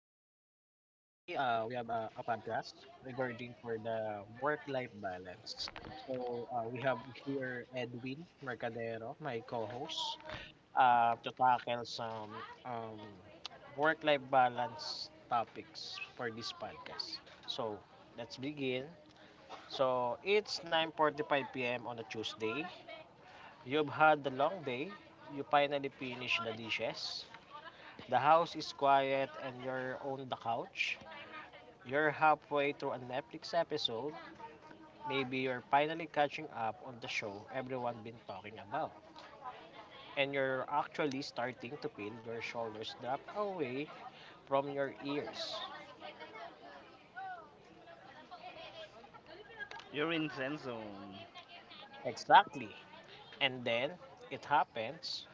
Today we have a podcast regarding for the work-life balance. So we have here Edwin Mercadero, my co-host, to tackle some um, work-life balance topics for this podcast. So let's begin. So it's 9:45 p.m. on a Tuesday. You've had a long day. You finally finish the dishes. The house is quiet and you're on the couch. You're halfway through a Netflix episode. Maybe you're finally catching up on the show everyone been talking about. And you're actually starting to feel your shoulders drop away from your ears. You're in Zen Zone. Exactly. And then it happens,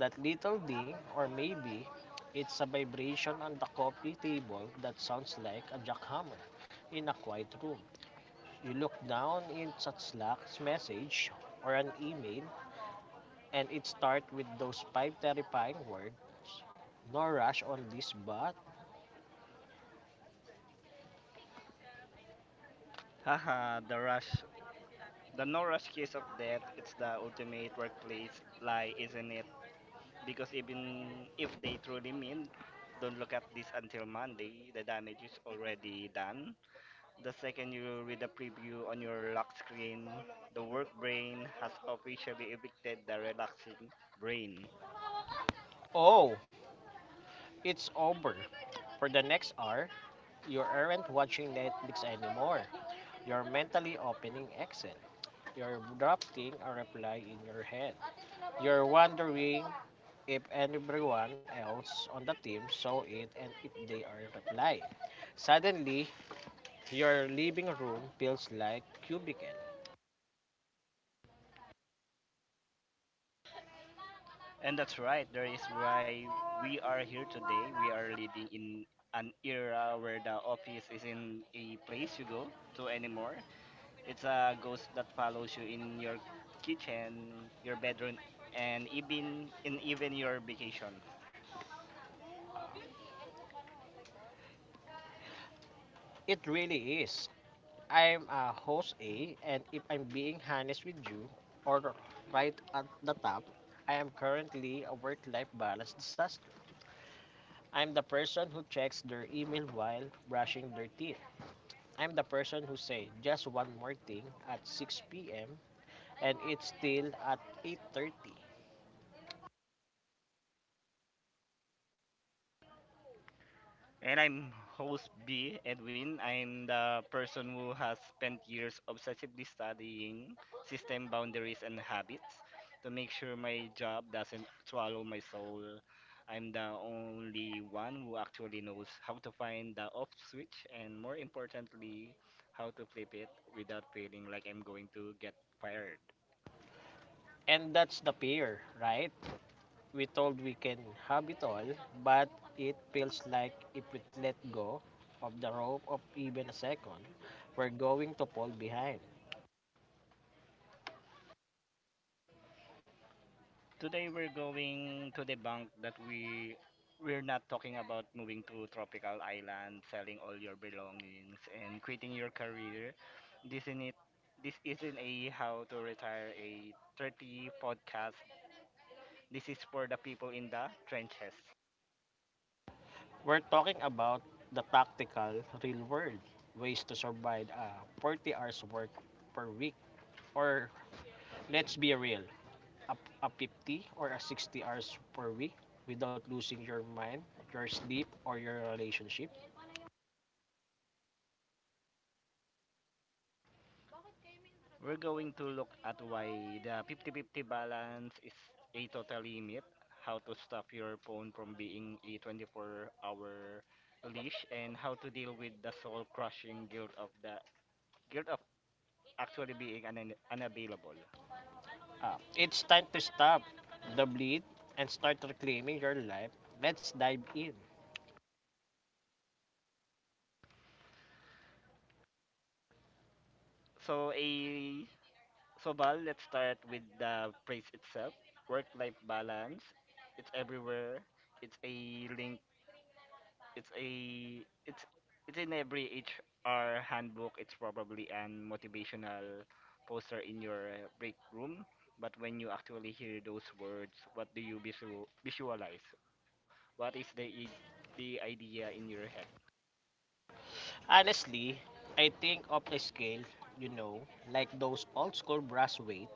that little ding, or maybe it's a vibration on the coffee table that sounds like a jackhammer in a quiet room. You look down into Slack's message or an email, and it starts with those five terrifying words. No rush on this, but Haha, the rush. The no rush case of death, it's the ultimate workplace lie, isn't it? Because even if they truly mean, don't look at this until Monday, the damage is already done. The second you read the preview on your lock screen, the work brain has officially evicted the relaxing brain. oh, it's over. For the next hour, you aren't watching Netflix anymore. You're mentally opening Excel. You're drafting a reply in your head. You're wondering if everyone else on the team saw it and if they are replying. Suddenly, your living room feels like cubicle. And that's right. That is why we are here today. We are living in an era where the office isn't a place you go to anymore. It's a ghost that follows you in your kitchen, your bedroom, and even your vacation. It really is. I'm a host A, and if I'm being honest with you, or right at the top, I am currently a work-life balance disaster. I'm the person who checks their email while brushing their teeth. I'm the person who say just one more thing at 6 p.m. and it's still at 8:30. And I'm host B, Edwin. I'm the person who has spent years obsessively studying system boundaries and habits to make sure my job doesn't swallow my soul. I'm the only one who actually knows how to find the off switch and more importantly, how to flip it without feeling like I'm going to get fired. And that's the fear, right? We told we can have it all, but it feels like if we let go of the rope of even a second, we're going to fall behind. Today we're going to debunk that we're not talking about moving to tropical island, selling all your belongings and quitting your career. This isn't it this isn't a how to retire a 30 podcast. This is for the people in the trenches. We're talking about the tactical real world ways to survive a 40 hours work per week, or let's be real, a, a 50 or a 60 hours per week without losing your mind, your sleep, or your relationship We're going to look at why the 50-50 balance is a total limit, how to stop your phone from being a 24-hour leash, and how to deal with the soul-crushing guilt of actually being unavailable. up. It's time to stop the bleed and start reclaiming your life. Let's dive in. So a so Val, let's start with the phrase itself. Work-life balance. It's everywhere. It's a link it's a it's it's in every HR handbook. It's probably an motivational poster in your break room. But when you actually hear those words, what do you visualize? What is the idea in your head? Honestly, I think of a scale, you know, like those old school brass weight.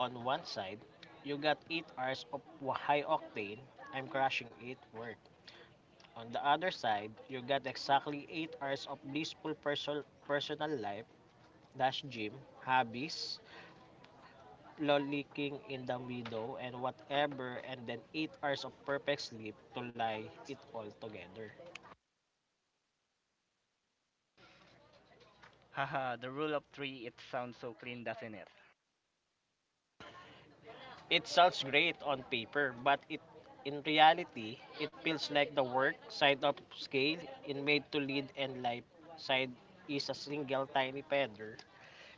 On one side, you got eight hours of high octane, I'm crushing it, work. On the other side, you got exactly eight hours of blissful personal life, dash gym, hobbies, lollicking in the meadow and whatever, and then eight hours of perfect sleep to lie it all together. Haha, the rule of three. It sounds so clean, doesn't it? It sounds great on paper, but it in reality, it feels like the work side of scale in made to lead and life side is a single tiny feather.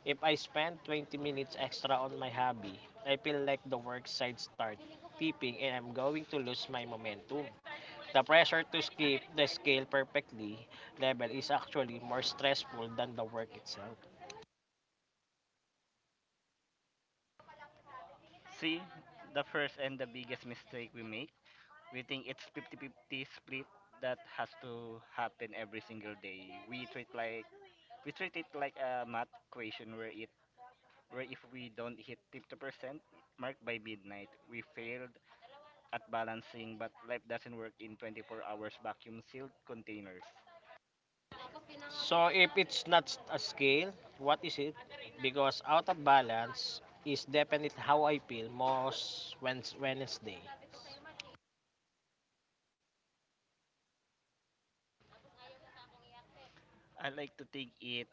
If I spend 20 minutes extra on my hobby, I feel like the work side start tipping and I'm going to lose my momentum. The pressure to skip the scale perfectly level is actually more stressful than the work itself. See, the first and the biggest mistake we make, we think it's 50-50 split that has to happen every single day. We treat it like a math equation where if we don't hit 50% mark by midnight, we failed at balancing, but life doesn't work in 24 hours vacuum sealed containers. So if it's not a scale, what is it? Because out of balance is definitely how I feel most Wednesday. I like to think it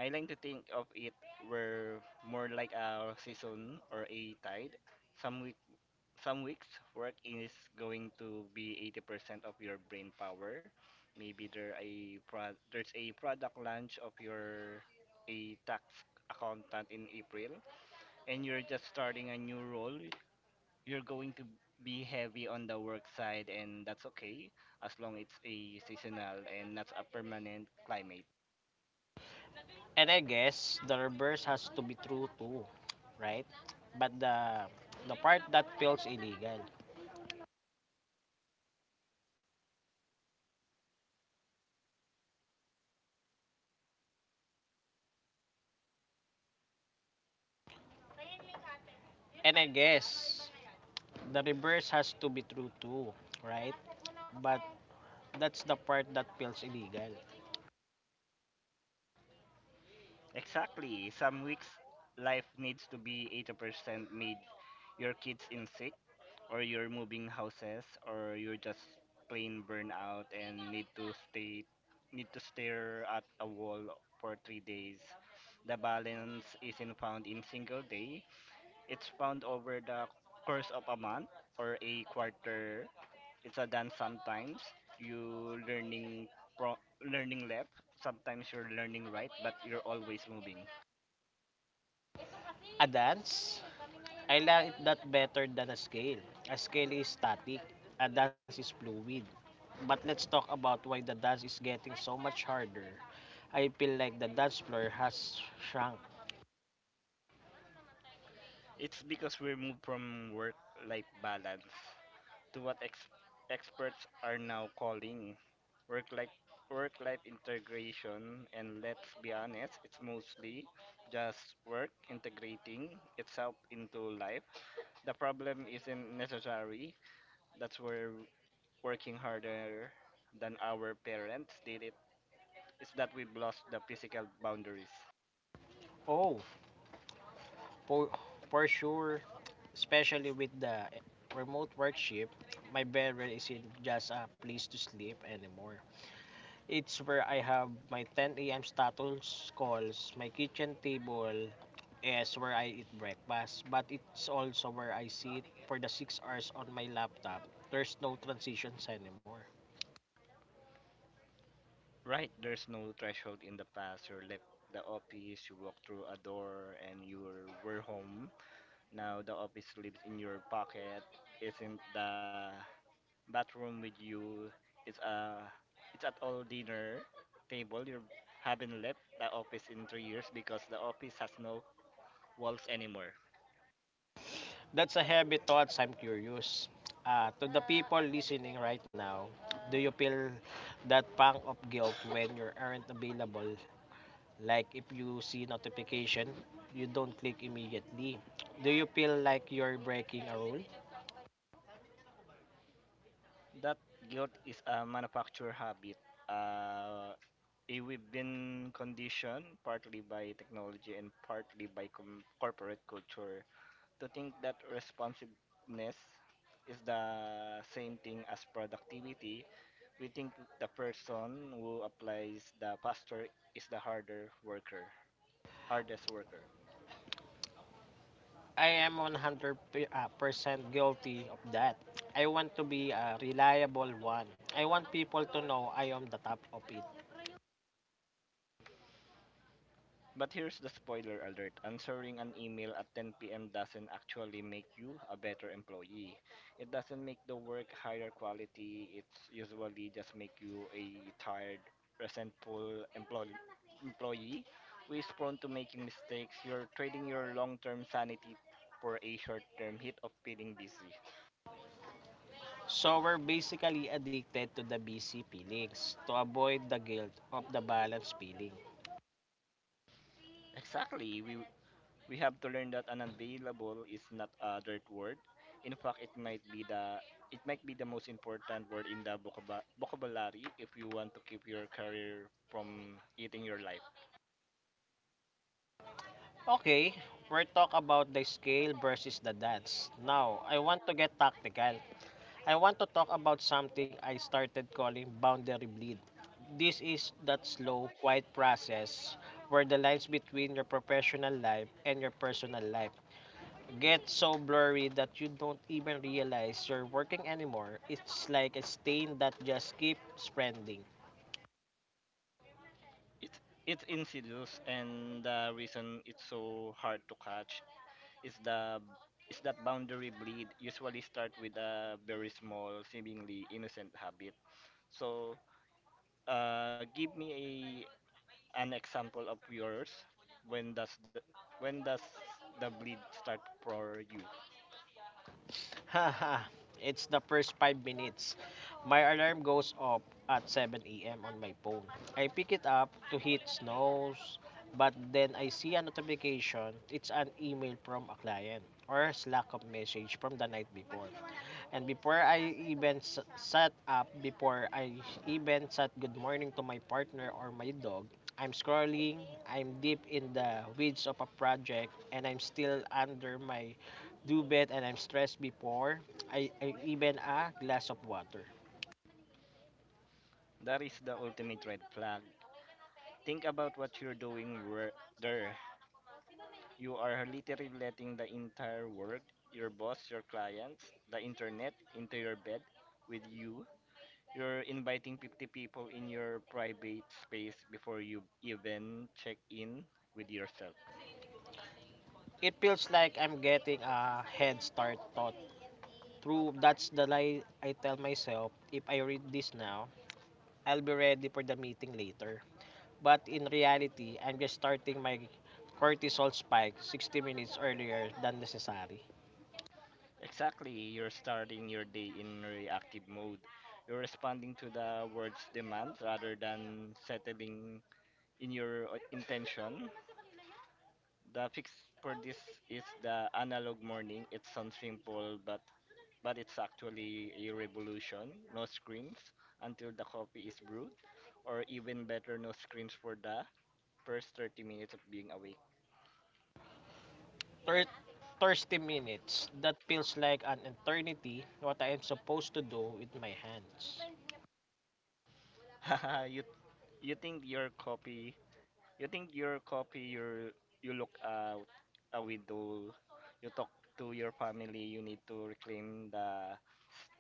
I like to think of it were more like a season or a tide. Some week some weeks work is going to be 80% of your brain power. Maybe there's a product launch of your a tax accountant in April and you're just starting a new role, you're going to be heavy on the work side, and that's okay as long it's a seasonal and not a permanent climate. And I guess the reverse has to be true too, right? But the part that feels illegal. And I guess the reverse has to be true too, right? But that's the part that feels illegal. Exactly. Some weeks life needs to be 80% made. Your kids in sick, or you're moving houses, or you're just plain burnout and need to stare at a wall for 3 days. The balance isn't found in single day. It's found over the course of a month or a quarter. It's a dance sometimes. You learning pro learning left, sometimes you're learning right, but you're always moving. A dance, I like that better than a scale. A scale is static, a dance is fluid. But let's talk about why the dance is getting so much harder. I feel like the dance floor has shrunk. It's because we moved from work life balance to what experts are now calling work life work life integration. And let's be honest, it's mostly just work integrating itself into life. The problem isn't necessary that's where working harder than our parents did it is that we've lost the physical boundaries. Oh, for, for sure, especially with the remote workship, my bedroom isn't just a place to sleep anymore. It's where I have my 10 a.m. status calls, my kitchen table is where I eat breakfast, but it's also where I sit for the six hours on my laptop. There's no transitions anymore. Right, there's no threshold in the past. You left the office, you walked through a door, and you were home. Now the office lives in your pocket. It's in the bathroom with you. It's a it's at all dinner table. You haven't left the office in 3 years because the office has no walls anymore. That's a heavy thoughts. I'm curious. To the people listening right now, do you feel that pang of guilt when you aren't available? Like if you see notification, you don't click immediately. Do you feel like you're breaking a rule? That guilt is a manufactured habit. Uh, we've been conditioned partly by technology and partly by corporate culture to think that responsiveness is the same thing as productivity. We think the person who applies the faster is the hardest worker. I am 100% guilty of that. I want to be a reliable one. I want people to know I am the top of it. But here's the spoiler alert answering an email at 10 p.m. doesn't actually make you a better employee. It doesn't make the work higher quality, it's usually just make you a tired, resentful employee who is prone to making mistakes. You're trading your long term sanity for a short term hit of feeling busy. So we're basically addicted to the busy feelings to avoid the guilt of the balance feeling. Exactly, we have to learn that unavailable is not a dirt word. In fact, it might be the most important word in the vocabulary if you want to keep your career from eating your life. Okay, we're talk about the scale versus the dance. Now, I want to get tactical. I want to talk about something I started calling boundary bleed. This is that slow, quiet process where the lines between your professional life and your personal life get so blurry that you don't even realize you're working anymore. It's like a stain that just keeps spreading. It's it's insidious, and the reason it's so hard to catch is the is that boundary bleed usually start with a very small, seemingly innocent habit. So, give me an example of yours? When does the when does the bleed start for you? Haha, it's the first five minutes. My alarm goes off at 7 a.m. on my phone. I pick it up to hit snooze, but then I see a notification. It's an email from a client or Slack of message from the night before. And before I even sat up, before I even said good morning to my partner or my dog, I'm scrolling, I'm deep in the weeds of a project, and I'm still under my duvet and I'm stressed before I even a glass of water. That is the ultimate red flag. Think about what you're doing there. You are literally letting the entire world, your boss, your clients, the internet into your bed with you. You're inviting 50 people in your private space before you even check in with yourself. It feels like I'm getting a head start thought. Through that's the lie I tell myself, if I read this now, I'll be ready for the meeting later. But in reality, I'm just starting my cortisol spike 60 minutes earlier than necessary. Exactly, you're starting your day in reactive mode. You're responding to the world's demands rather than settling in your intention. The fix for this is the analog morning. It sounds simple, but it's actually a revolution. No screens until the coffee is brewed, or even better, no screens for the first 30 minutes of being awake. Thir- Thirsty minutes, that feels like an eternity what I am supposed to do with my hands. you you think your coffee You think your copy, your you look out a window, you talk to your family. You need to reclaim the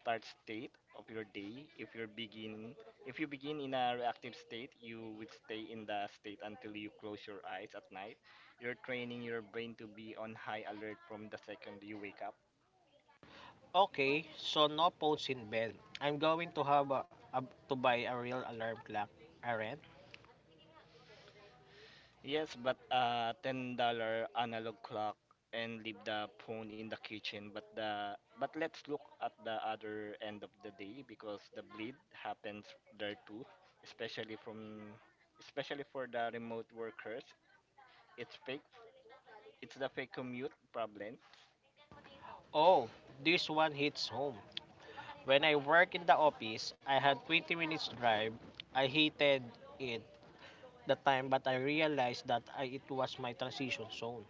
start state of your day. If you begin in a reactive state, you would stay in the state until you close your eyes at night. You're training your brain to be on high alert from the second you wake up. Okay, so no phones in bed. I'm going to have to buy a real alarm clock. Aren't? Yes, but $10 analog clock and leave the phone in the kitchen. But let's look at the other end of the day because the bleed happens there too, especially from especially for the remote workers. It's fake. It's the fake commute problem. Oh, this one hits home. When I work in the office, I had 20 minutes drive. I hated it that time, but I realized that I, it was my transition zone.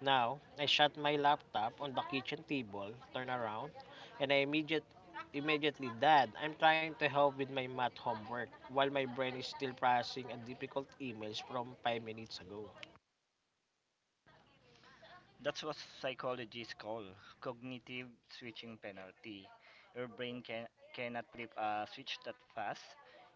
Now, I shut my laptop on the kitchen table, turn around, and immediately, Dad, I'm trying to help with my math homework while my brain is still processing a difficult emails from five minutes ago. That's what psychologists call cognitive switching penalty. Your brain cannot flip a switch that fast.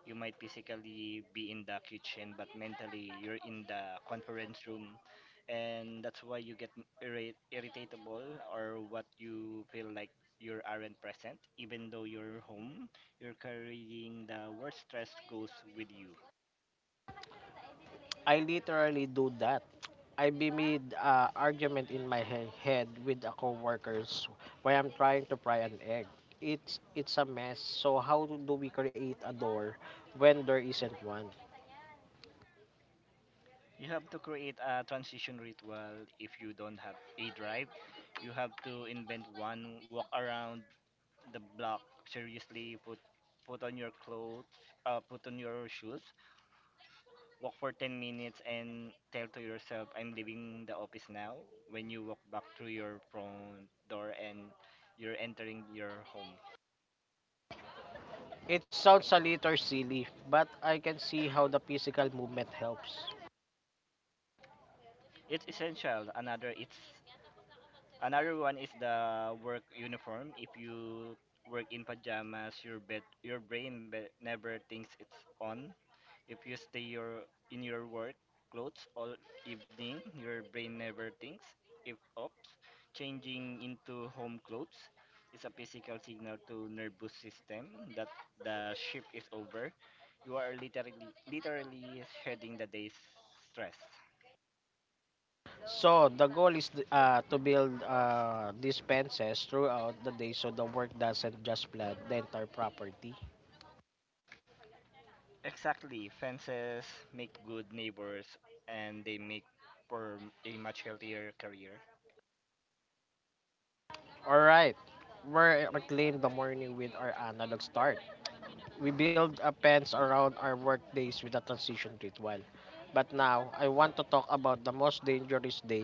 You might physically be in the kitchen, but mentally you're in the conference room, and that's why you get irritable or what you feel like you aren't present, even though you're home. You're carrying the worst stress goes with you. I literally do that. I be mid argument in my head with a coworkers while I'm trying to fry an egg. It's a mess. So how do we create a door when there isn't one? You have to create a transition ritual if you don't have a drive. You have to invent one, walk around the block seriously, put on your clothes, put on your shoes, walk for 10 minutes and tell to yourself, I'm leaving the office now. When you walk back through your front door and you're entering your home. It sounds a little silly, but I can see how the physical movement helps. It's essential. Another one is the work uniform. If you work in pajamas, your bed, your brain never thinks it's on. If you stay your in your work clothes all evening, your brain never thinks if ops. Changing into home clothes is a physical signal to nervous system that the shift is over. You are literally shedding the day's stress. So, the goal is to build dispenses throughout the day so the work doesn't just flood the entire property. Exactly, fences make good neighbors and they make for a much healthier career. Alright, we're reclaim the morning with our analog start. We build a fence around our workdays with a transition ritual. But now, I want to talk about the most dangerous day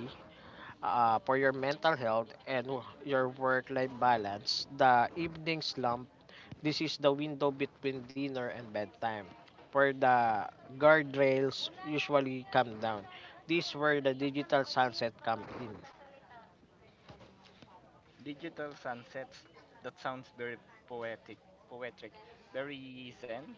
for your mental health and your work-life balance, the evening slump. This is the window between dinner and bedtime, where the guardrails usually come down. This where the digital sunset come in. Digital sunsets, that sounds very poetic, poetic, very zen.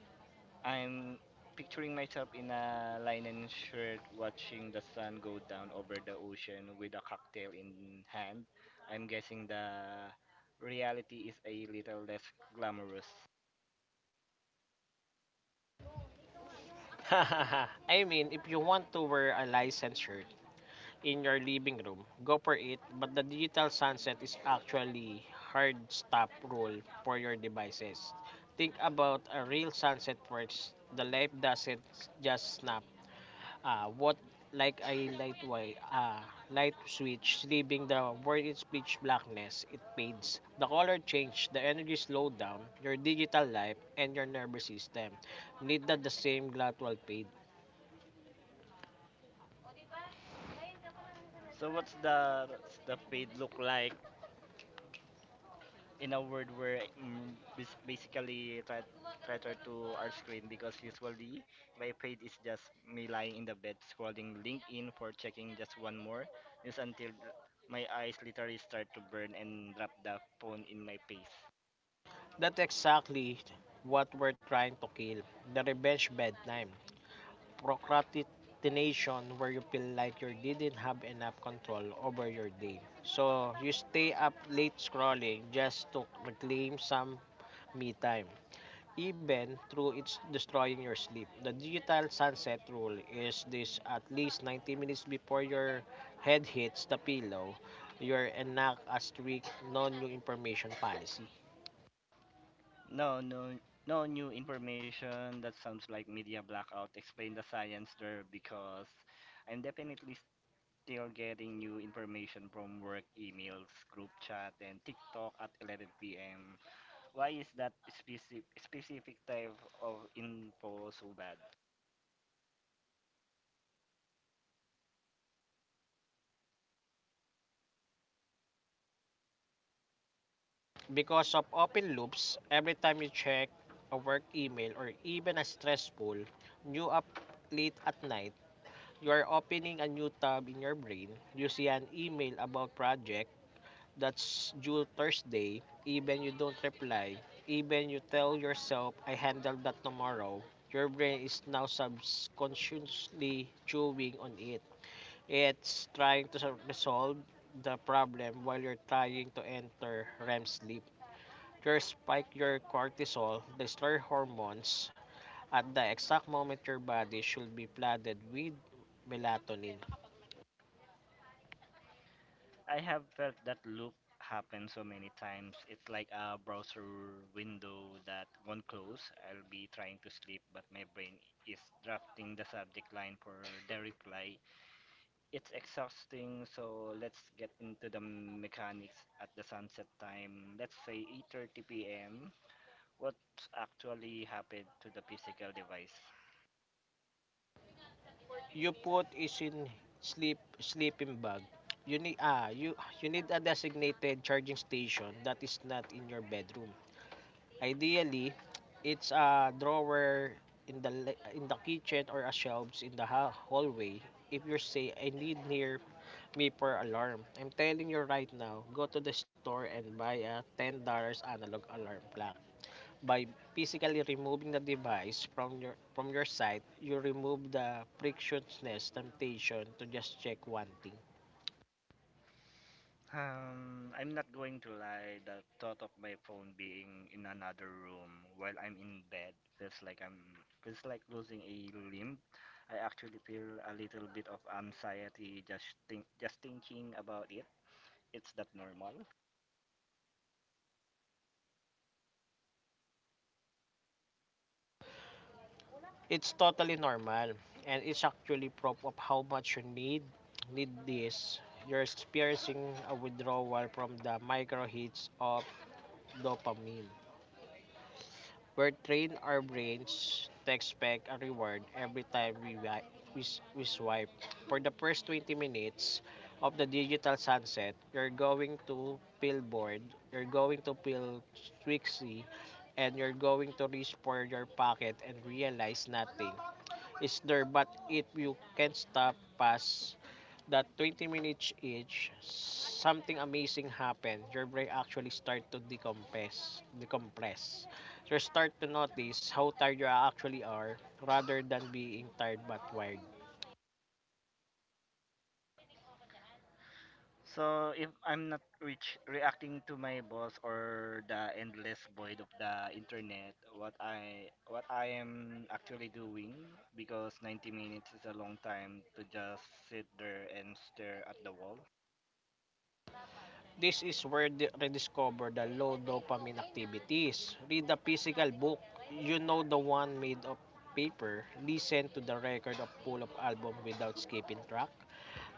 I'm picturing myself in a linen shirt watching the sun go down over the ocean with a cocktail in hand. I'm guessing the reality is a little less glamorous. I mean, if you want to wear a licensed shirt in your living room, go for it. But the digital sunset is actually hard stop rule for your devices. Think about a real sunset first. The light doesn't just snap. What like a light light switch, leaving the world in pitch blackness, it fades. The color change, the energy slow down, your digital life, and your nervous system need that the same gradual fade. So what's the fade look like in a word where basically try traitor to our screen because usually my page is just me lying in the bed scrolling LinkedIn for checking just one more news until my eyes literally start to burn and drop the phone in my face. That's exactly what we're trying to kill. The revenge bedtime. Procrastination where you feel like you didn't have enough control over your day. So you stay up late scrolling just to reclaim some me time, even through it's destroying your sleep. The digital sunset rule is this: at least 90 minutes before your head hits the pillow, you're enact a strict no new information policy. No, no, no new information. That sounds like media blackout. Explain the science there because I'm definitely still getting new information from work emails, group chat, and TikTok at 11 p.m. Why is that specific type of info so bad? Because of open loops, every time you check a work email or even a stressful, new up late at night, you are opening a new tab in your brain. You see an email about project that's due Thursday, even you don't reply, even you tell yourself, I handle that tomorrow, your brain is now subconsciously chewing on it. It's trying to resolve the problem while you're trying to enter REM sleep. Your spike your cortisol, the stress hormones, at the exact moment your body should be flooded with melatonin. I have felt that loop happen so many times. It's like a browser window that won't close. I'll be trying to sleep, but my brain is drafting the subject line for the reply. It's exhausting, so let's get into the mechanics at the sunset time. Let's say 8:30 p.m. What actually happened to the physical device? You put is in sleeping bag. You need you need a designated charging station that is not in your bedroom. Ideally, it's a drawer in in the kitchen or a shelves in the hallway. If you say I need near me for alarm, I'm telling you right now, go to the store and buy a $10 analog alarm clock by physically removing the device from from your sight. You remove the frictionless temptation to just check one thing. I'm not going to lie, the thought of my phone being in another room while I'm in bed feels like I'm feels like losing a limb. I actually feel a little bit of anxiety just thinking about it. It's not normal. It's totally normal and it's actually proof of how much you need need this. You're experiencing a withdrawal from the micro hits of dopamine. We're train our brains to expect a reward every time we, wi- we, s- we swipe. For the first 20 minutes of the digital sunset, you're going to feel bored, you're going to feel twixy, and you're going to reach for your pocket and realize nothing is there. But if you can't stop past that 20 minutes, each something amazing happen. Your brain actually start to decompress decompress So, you start to notice how tired you actually are rather than being tired but wired. So if I'm not reach reacting to my boss or the endless void of the internet, what I am actually doing because 90 minutes is a long time to just sit there and stare at the wall. This is where the rediscover the low dopamine activities. Read the physical book, you know, the one made of paper. Listen to the record of full of album without skipping track.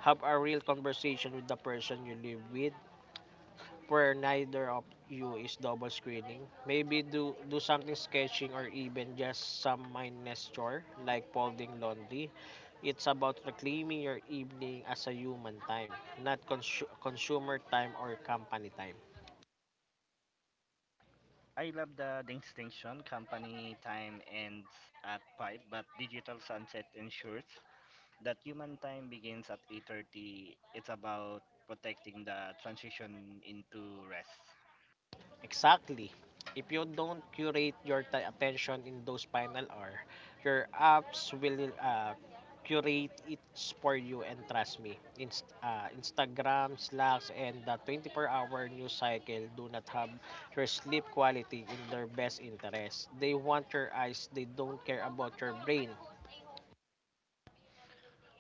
Have a real conversation with the person you live with, where neither of you is double screening. Maybe do something sketching or even just some mindless chore like folding laundry. It's about reclaiming your evening as a human time, not consumer time or company time. I love the distinction company time ends at 5 but digital sunset ensures that human time begins at 8:30. It's about protecting the transition into rest. Exactly. If you don't curate your attention in those final hour, your apps will curate it for you, and trust me. Instagram, Slacks, and the 24-hour news cycle do not have your sleep quality in their best interest. They want your eyes, they don't care about your brain.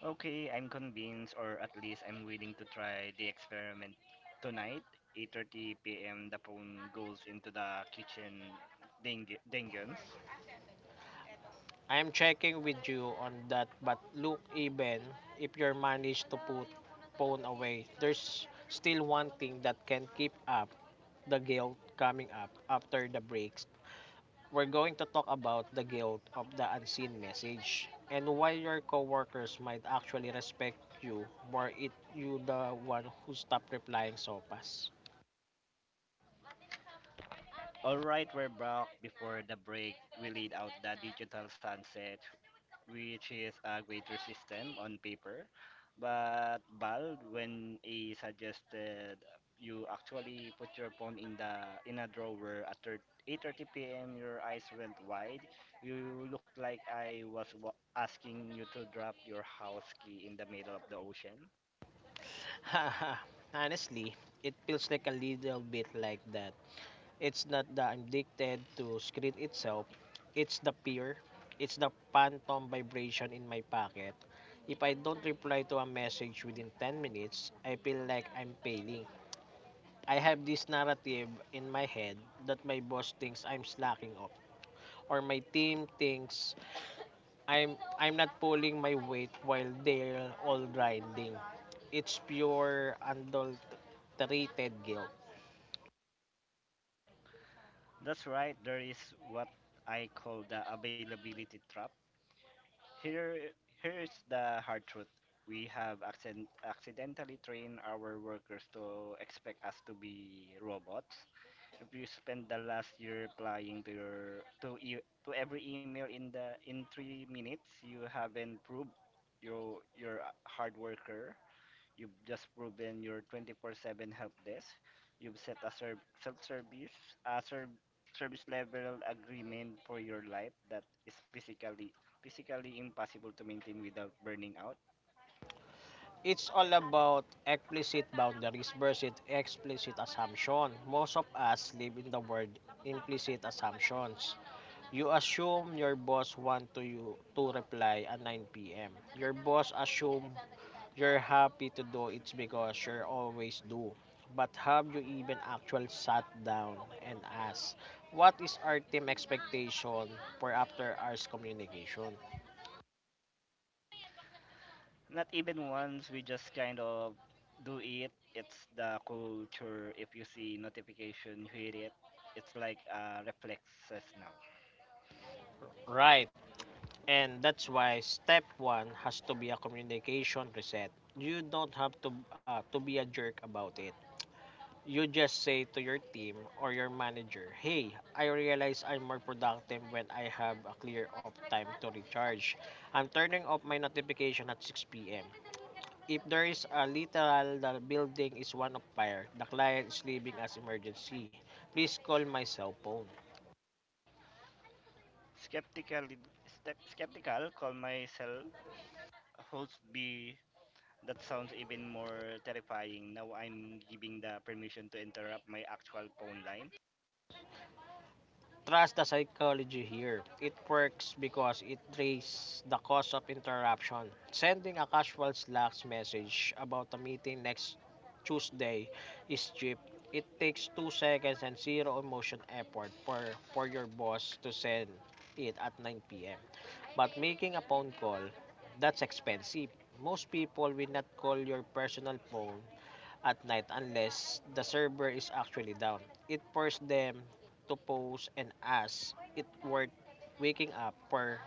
Okay, I'm convinced, or at least I'm willing to try the experiment tonight. 8:30 p.m. The phone goes into the kitchen dingens. I am checking with you on that, but look, even if you manage to put phone away, there's still one thing that can keep up the guilt coming up after the breaks. We're going to talk about the guilt of the unseen message and why your coworkers might actually respect you more if you the one who stopped replying so fast. All right, we're back. Before the break, we laid out the digital sunset, which is a greater system on paper. But Bal, when he suggested you actually put your phone in the in a drawer at 8:30 p.m., your eyes went wide. You looked like I was asking you to drop your house key in the middle of the ocean. Honestly, it feels like a little bit like that. It's not the addicted to screen itself. It's the peer. It's the phantom vibration in my pocket. If I don't reply to a message within 10 minutes, I feel like I'm failing. I have this narrative in my head that my boss thinks I'm slacking off, or my team thinks I'm not pulling my weight while they're all grinding. It's pure adulterated guilt. That's right. There is what I call the availability trap. Here, here's the hard truth. We have accidentally trained our workers to expect us to be robots. If you spend the last year replying to every email in the in 3 minutes, you haven't proved you're a hard worker. You've just proven your 24/7 help desk. You've set a serv self-service, a serv service level agreement for your life that is physically impossible to maintain without burning out. It's all about explicit boundaries versus explicit assumption. Most of us live in the world implicit assumptions. You assume your boss want to you to reply at 9 p.m. Your boss assume you're happy to do it because you always do. But have you even actually sat down and asked, what is our team expectation for after hours communication? Not even once. We just kind of do it. It's the culture. If you see notification, you hit it. It's like a reflexes now. Right. And that's why step one has to be a communication reset. You don't have to be a jerk about it. You just say to your team or your manager, "Hey, I realize I'm more productive when I have a clear off time to recharge. I'm turning off my notification at 6 p.m. If there is a literal the building is one of fire, the client is leaving as emergency. Please call my cell phone." Skeptical, Skeptical. Call myself host B. That sounds even more terrifying. Now I'm giving the permission to interrupt my actual phone line. Trust the psychology here. It works because it traces the cause of interruption. Sending a casual Slack message about a meeting next Tuesday is cheap. It takes two seconds and zero emotion effort for your boss to send it at 9 p.m. But making a phone call, that's expensive. Most people will not call your personal phone at night unless the server is actually down. It forced them to pause and ask it worth waking up for,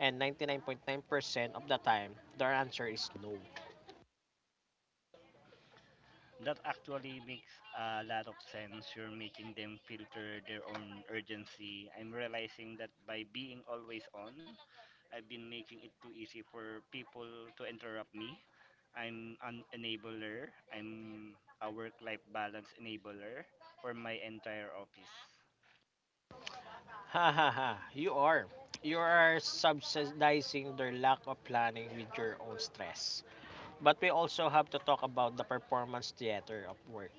and 99.9% of the time their answer is no. That actually makes a lot of sense. You're making them filter their own urgency. I'm realizing that by being always on, I've been making it too easy for people to interrupt me. I'm an enabler. I'm a work life balance enabler for my entire office. Ha ha ha, you are. You are subsidizing their lack of planning with your own stress. But we also have to talk about the performance theater of work.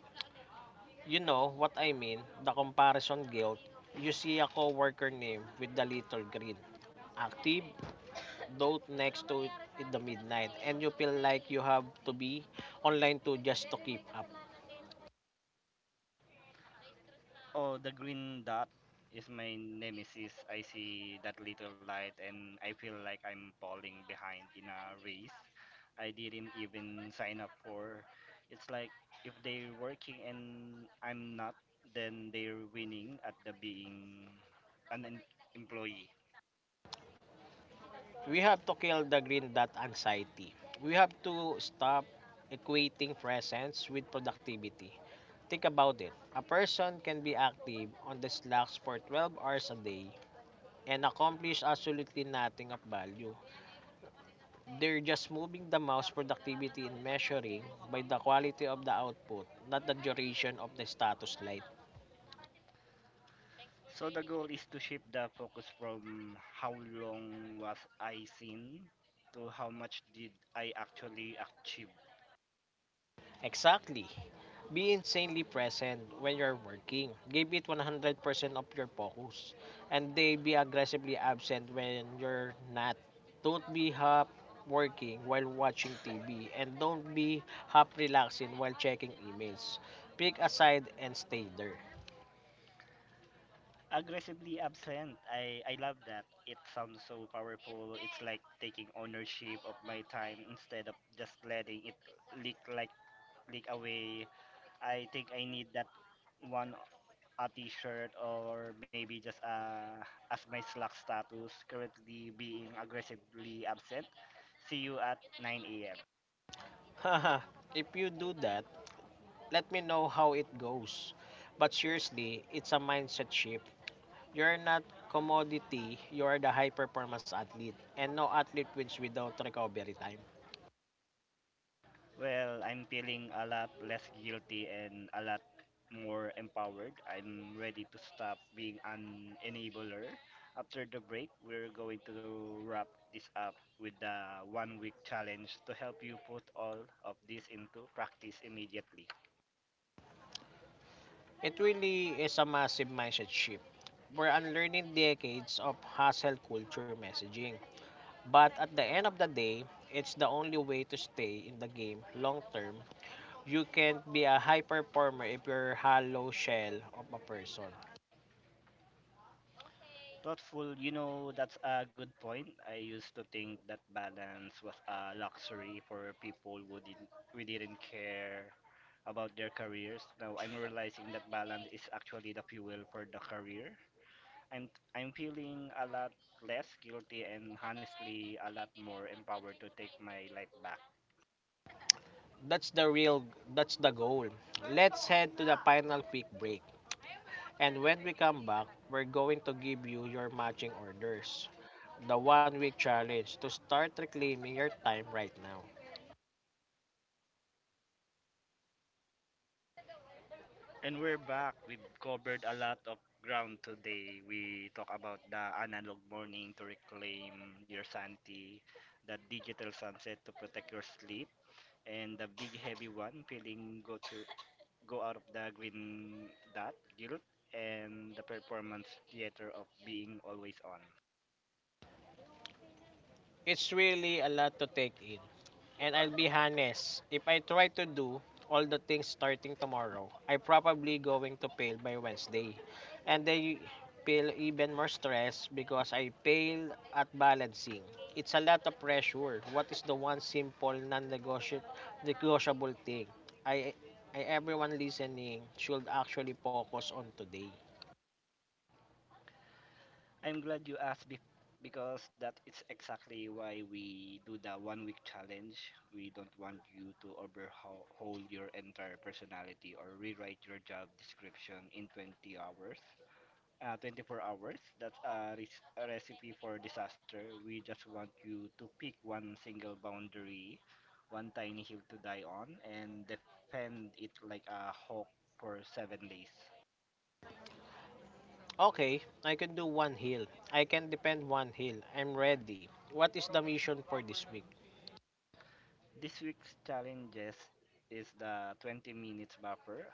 You know what I mean, the comparison guilt. You see a coworker name with the little green active note next to it in the midnight, and you feel like you have to be online to just to keep up. Oh, the green dot is my nemesis. I see that little light and I feel like I'm falling behind in a race I didn't even sign up for. It's like if they're working and I'm not, then they're winning at the being an em- employee. We have to kill the green dot anxiety. We have to stop equating presence with productivity. Think about it. A person can be active on the slacks for 12 hours a day and accomplish absolutely nothing of value. They're just moving the mouse productivity in measuring by the quality of the output, not the duration of the status light. So the goal is to shift the focus from how long was I seen to how much did I actually achieve. Exactly. Be insanely present when you're working. Give it 100% of your focus. And they be aggressively absent when you're not. Don't be half working while watching TV. And don't be half relaxing while checking emails. Pick a side and stay there. Aggressively absent. I love that. It sounds so powerful. It's like taking ownership of my time instead of just letting it leak like leak away. I think I need that one a t-shirt or maybe just as my Slack status currently being aggressively absent. See you at 9 a.m. Haha, if you do that, let me know how it goes. But seriously, it's a mindset shift. You're not commodity, you are the high performance athlete. And no athlete wins without recovery time. Well, I'm feeling a lot less guilty and a lot more empowered. I'm ready to stop being an enabler. After the break, we're going to wrap this up with the one week challenge to help you put all of this into practice immediately. It really is a massive mindset shift. We're unlearning decades of hustle culture messaging. But at the end of the day, it's the only way to stay in the game long term. You can't be a high performer if you're a hollow shell of a person. Thoughtful, you know, that's a good point. I used to think that balance was a luxury for people who didn't care about their careers. Now I'm realizing that balance is actually the fuel for the career. I'm I'm feeling a lot less guilty and honestly a lot more empowered to take my life back. That's the real, that's the goal. Let's head to the final quick break. And when we come back, we're going to give you your matching orders. The one week challenge to start reclaiming your time right now. And we're back. We've covered a lot of ground today. We talk about the analog morning to reclaim your sanity, the digital sunset to protect your sleep, and the big heavy one, feeling go out of the green dot guilt and the performance theater of being always on. It's really a lot to take in. And I'll be honest, if I try to do all the things starting tomorrow, I probably going to fail by Wednesday. And they feel even more stress because I fail at balancing. It's a lot of pressure. What is the one simple non-negotiable thing I, I everyone listening should actually focus on today? I'm glad you asked because that is exactly why we do the one week challenge. We don't want you to overhaul your entire personality or rewrite your job description in 20 hours. 24 hours. That's a recipe for disaster. We just want you to pick one single boundary, one tiny hill to die on, and defend it like a hawk for 7 days. Okay, I can do one heal. I can depend one heal. I'm ready. What is the mission for this week? This week's challenges is the 20 minutes buffer.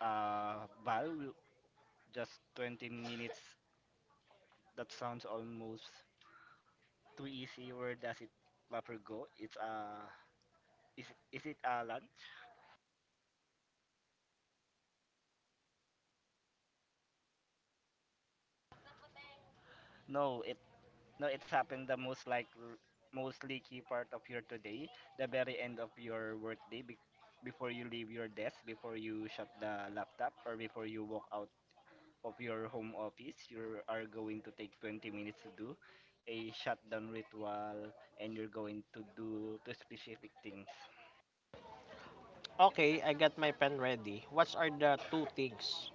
Uh, Val, will- just 20 minutes. That sounds almost too easy. Where does it buffer go? It's is it a lunch? No, it no. It's happened the most like mostly key part of your today, the very end of your workday. Before you leave your desk, before you shut the laptop, or before you walk out of your home office. You are going to take 20 minutes to do a shutdown ritual, and you're going to do two specific things. Okay, I got my pen ready. What are the two things?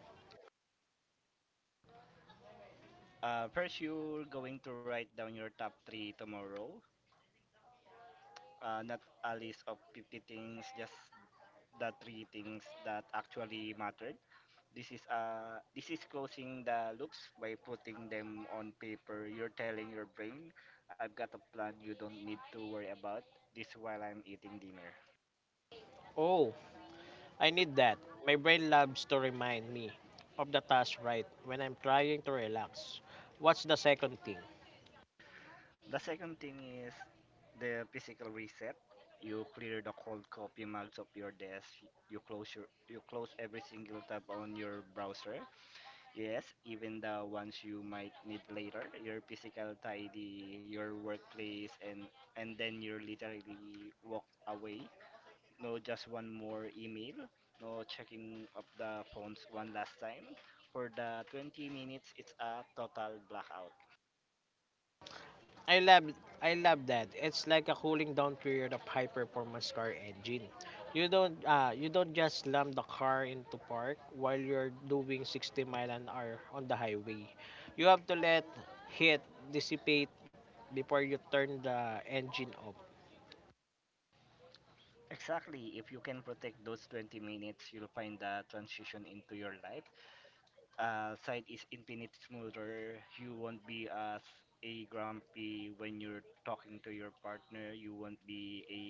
First, you're going to write down your top three tomorrow. Not a list of 50 things, just the three things that actually mattered. This is closing the loops by putting them on paper. You're telling your brain, "I've got a plan. You don't need to worry about this while I'm eating dinner." Oh, I need that. My brain loves to remind me of the task right when I'm trying to relax. What's the second thing? The second thing is the physical reset. You clear the cold copy mugs of your desk. You close every single tab on your browser. Yes, even the ones you might need later. Your physical tidy, your workplace, and then you literally walk away. No, just one more email. No checking of the phones one last time. For the 20 minutes, it's a total blackout. I love I love that. It's like a cooling down period of high performance car engine. You don't just slam the car into park while you're doing 60 mile an hour on the highway. You have to let heat dissipate before you turn the engine off. Exactly. If you can protect those 20 minutes, you'll find the transition into your life side is infinite smoother. You won't be as a grumpy when you're talking to your partner. You won't be a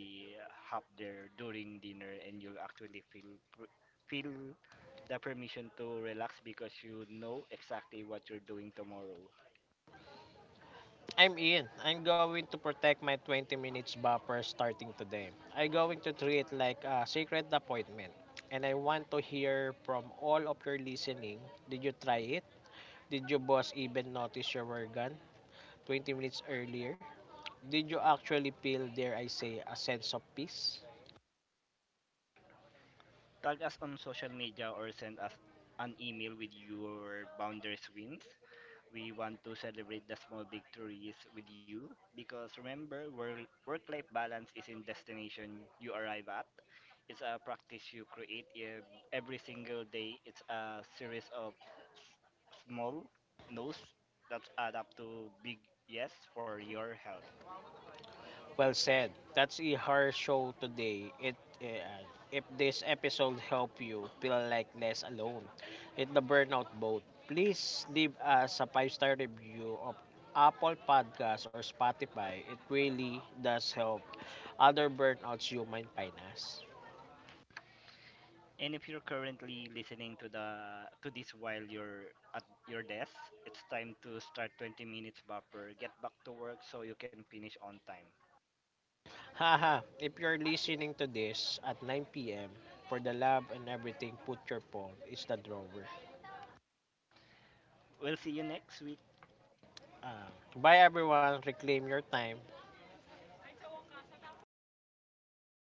hop there during dinner, and you'll actually feel the permission to relax because you know exactly what you're doing tomorrow. I'm in. I'm going to protect my 20 minutes buffer starting today. I'm going to treat it like a sacred appointment. And I want to hear from all of your listening. Did you try it? Did your boss even notice you were gone 20 minutes earlier? Did you actually feel, dare I say, a sense of peace? Tag us on social media or send us an email with your boundaries wins. We want to celebrate the small victories with you because remember, work life balance isn't destination you arrive at. It's a practice you create every single day. It's a series of small no's that add up to big yes for your health. Well said. That's a hard show today. Uh, if this episode helped you feel like less alone in the burnout boat, please leave us a five-star review of Apple Podcasts or Spotify. It really does help other burnouts you might find us. And if you're currently listening to the to this while you're at your desk, it's time to start 20 minutes buffer. Get back to work so you can finish on time. Haha, if you're listening to this at 9 p.m., for the love and everything, put your phone. It's the drawer. We'll see you next week. Ah, bye everyone. Reclaim your time.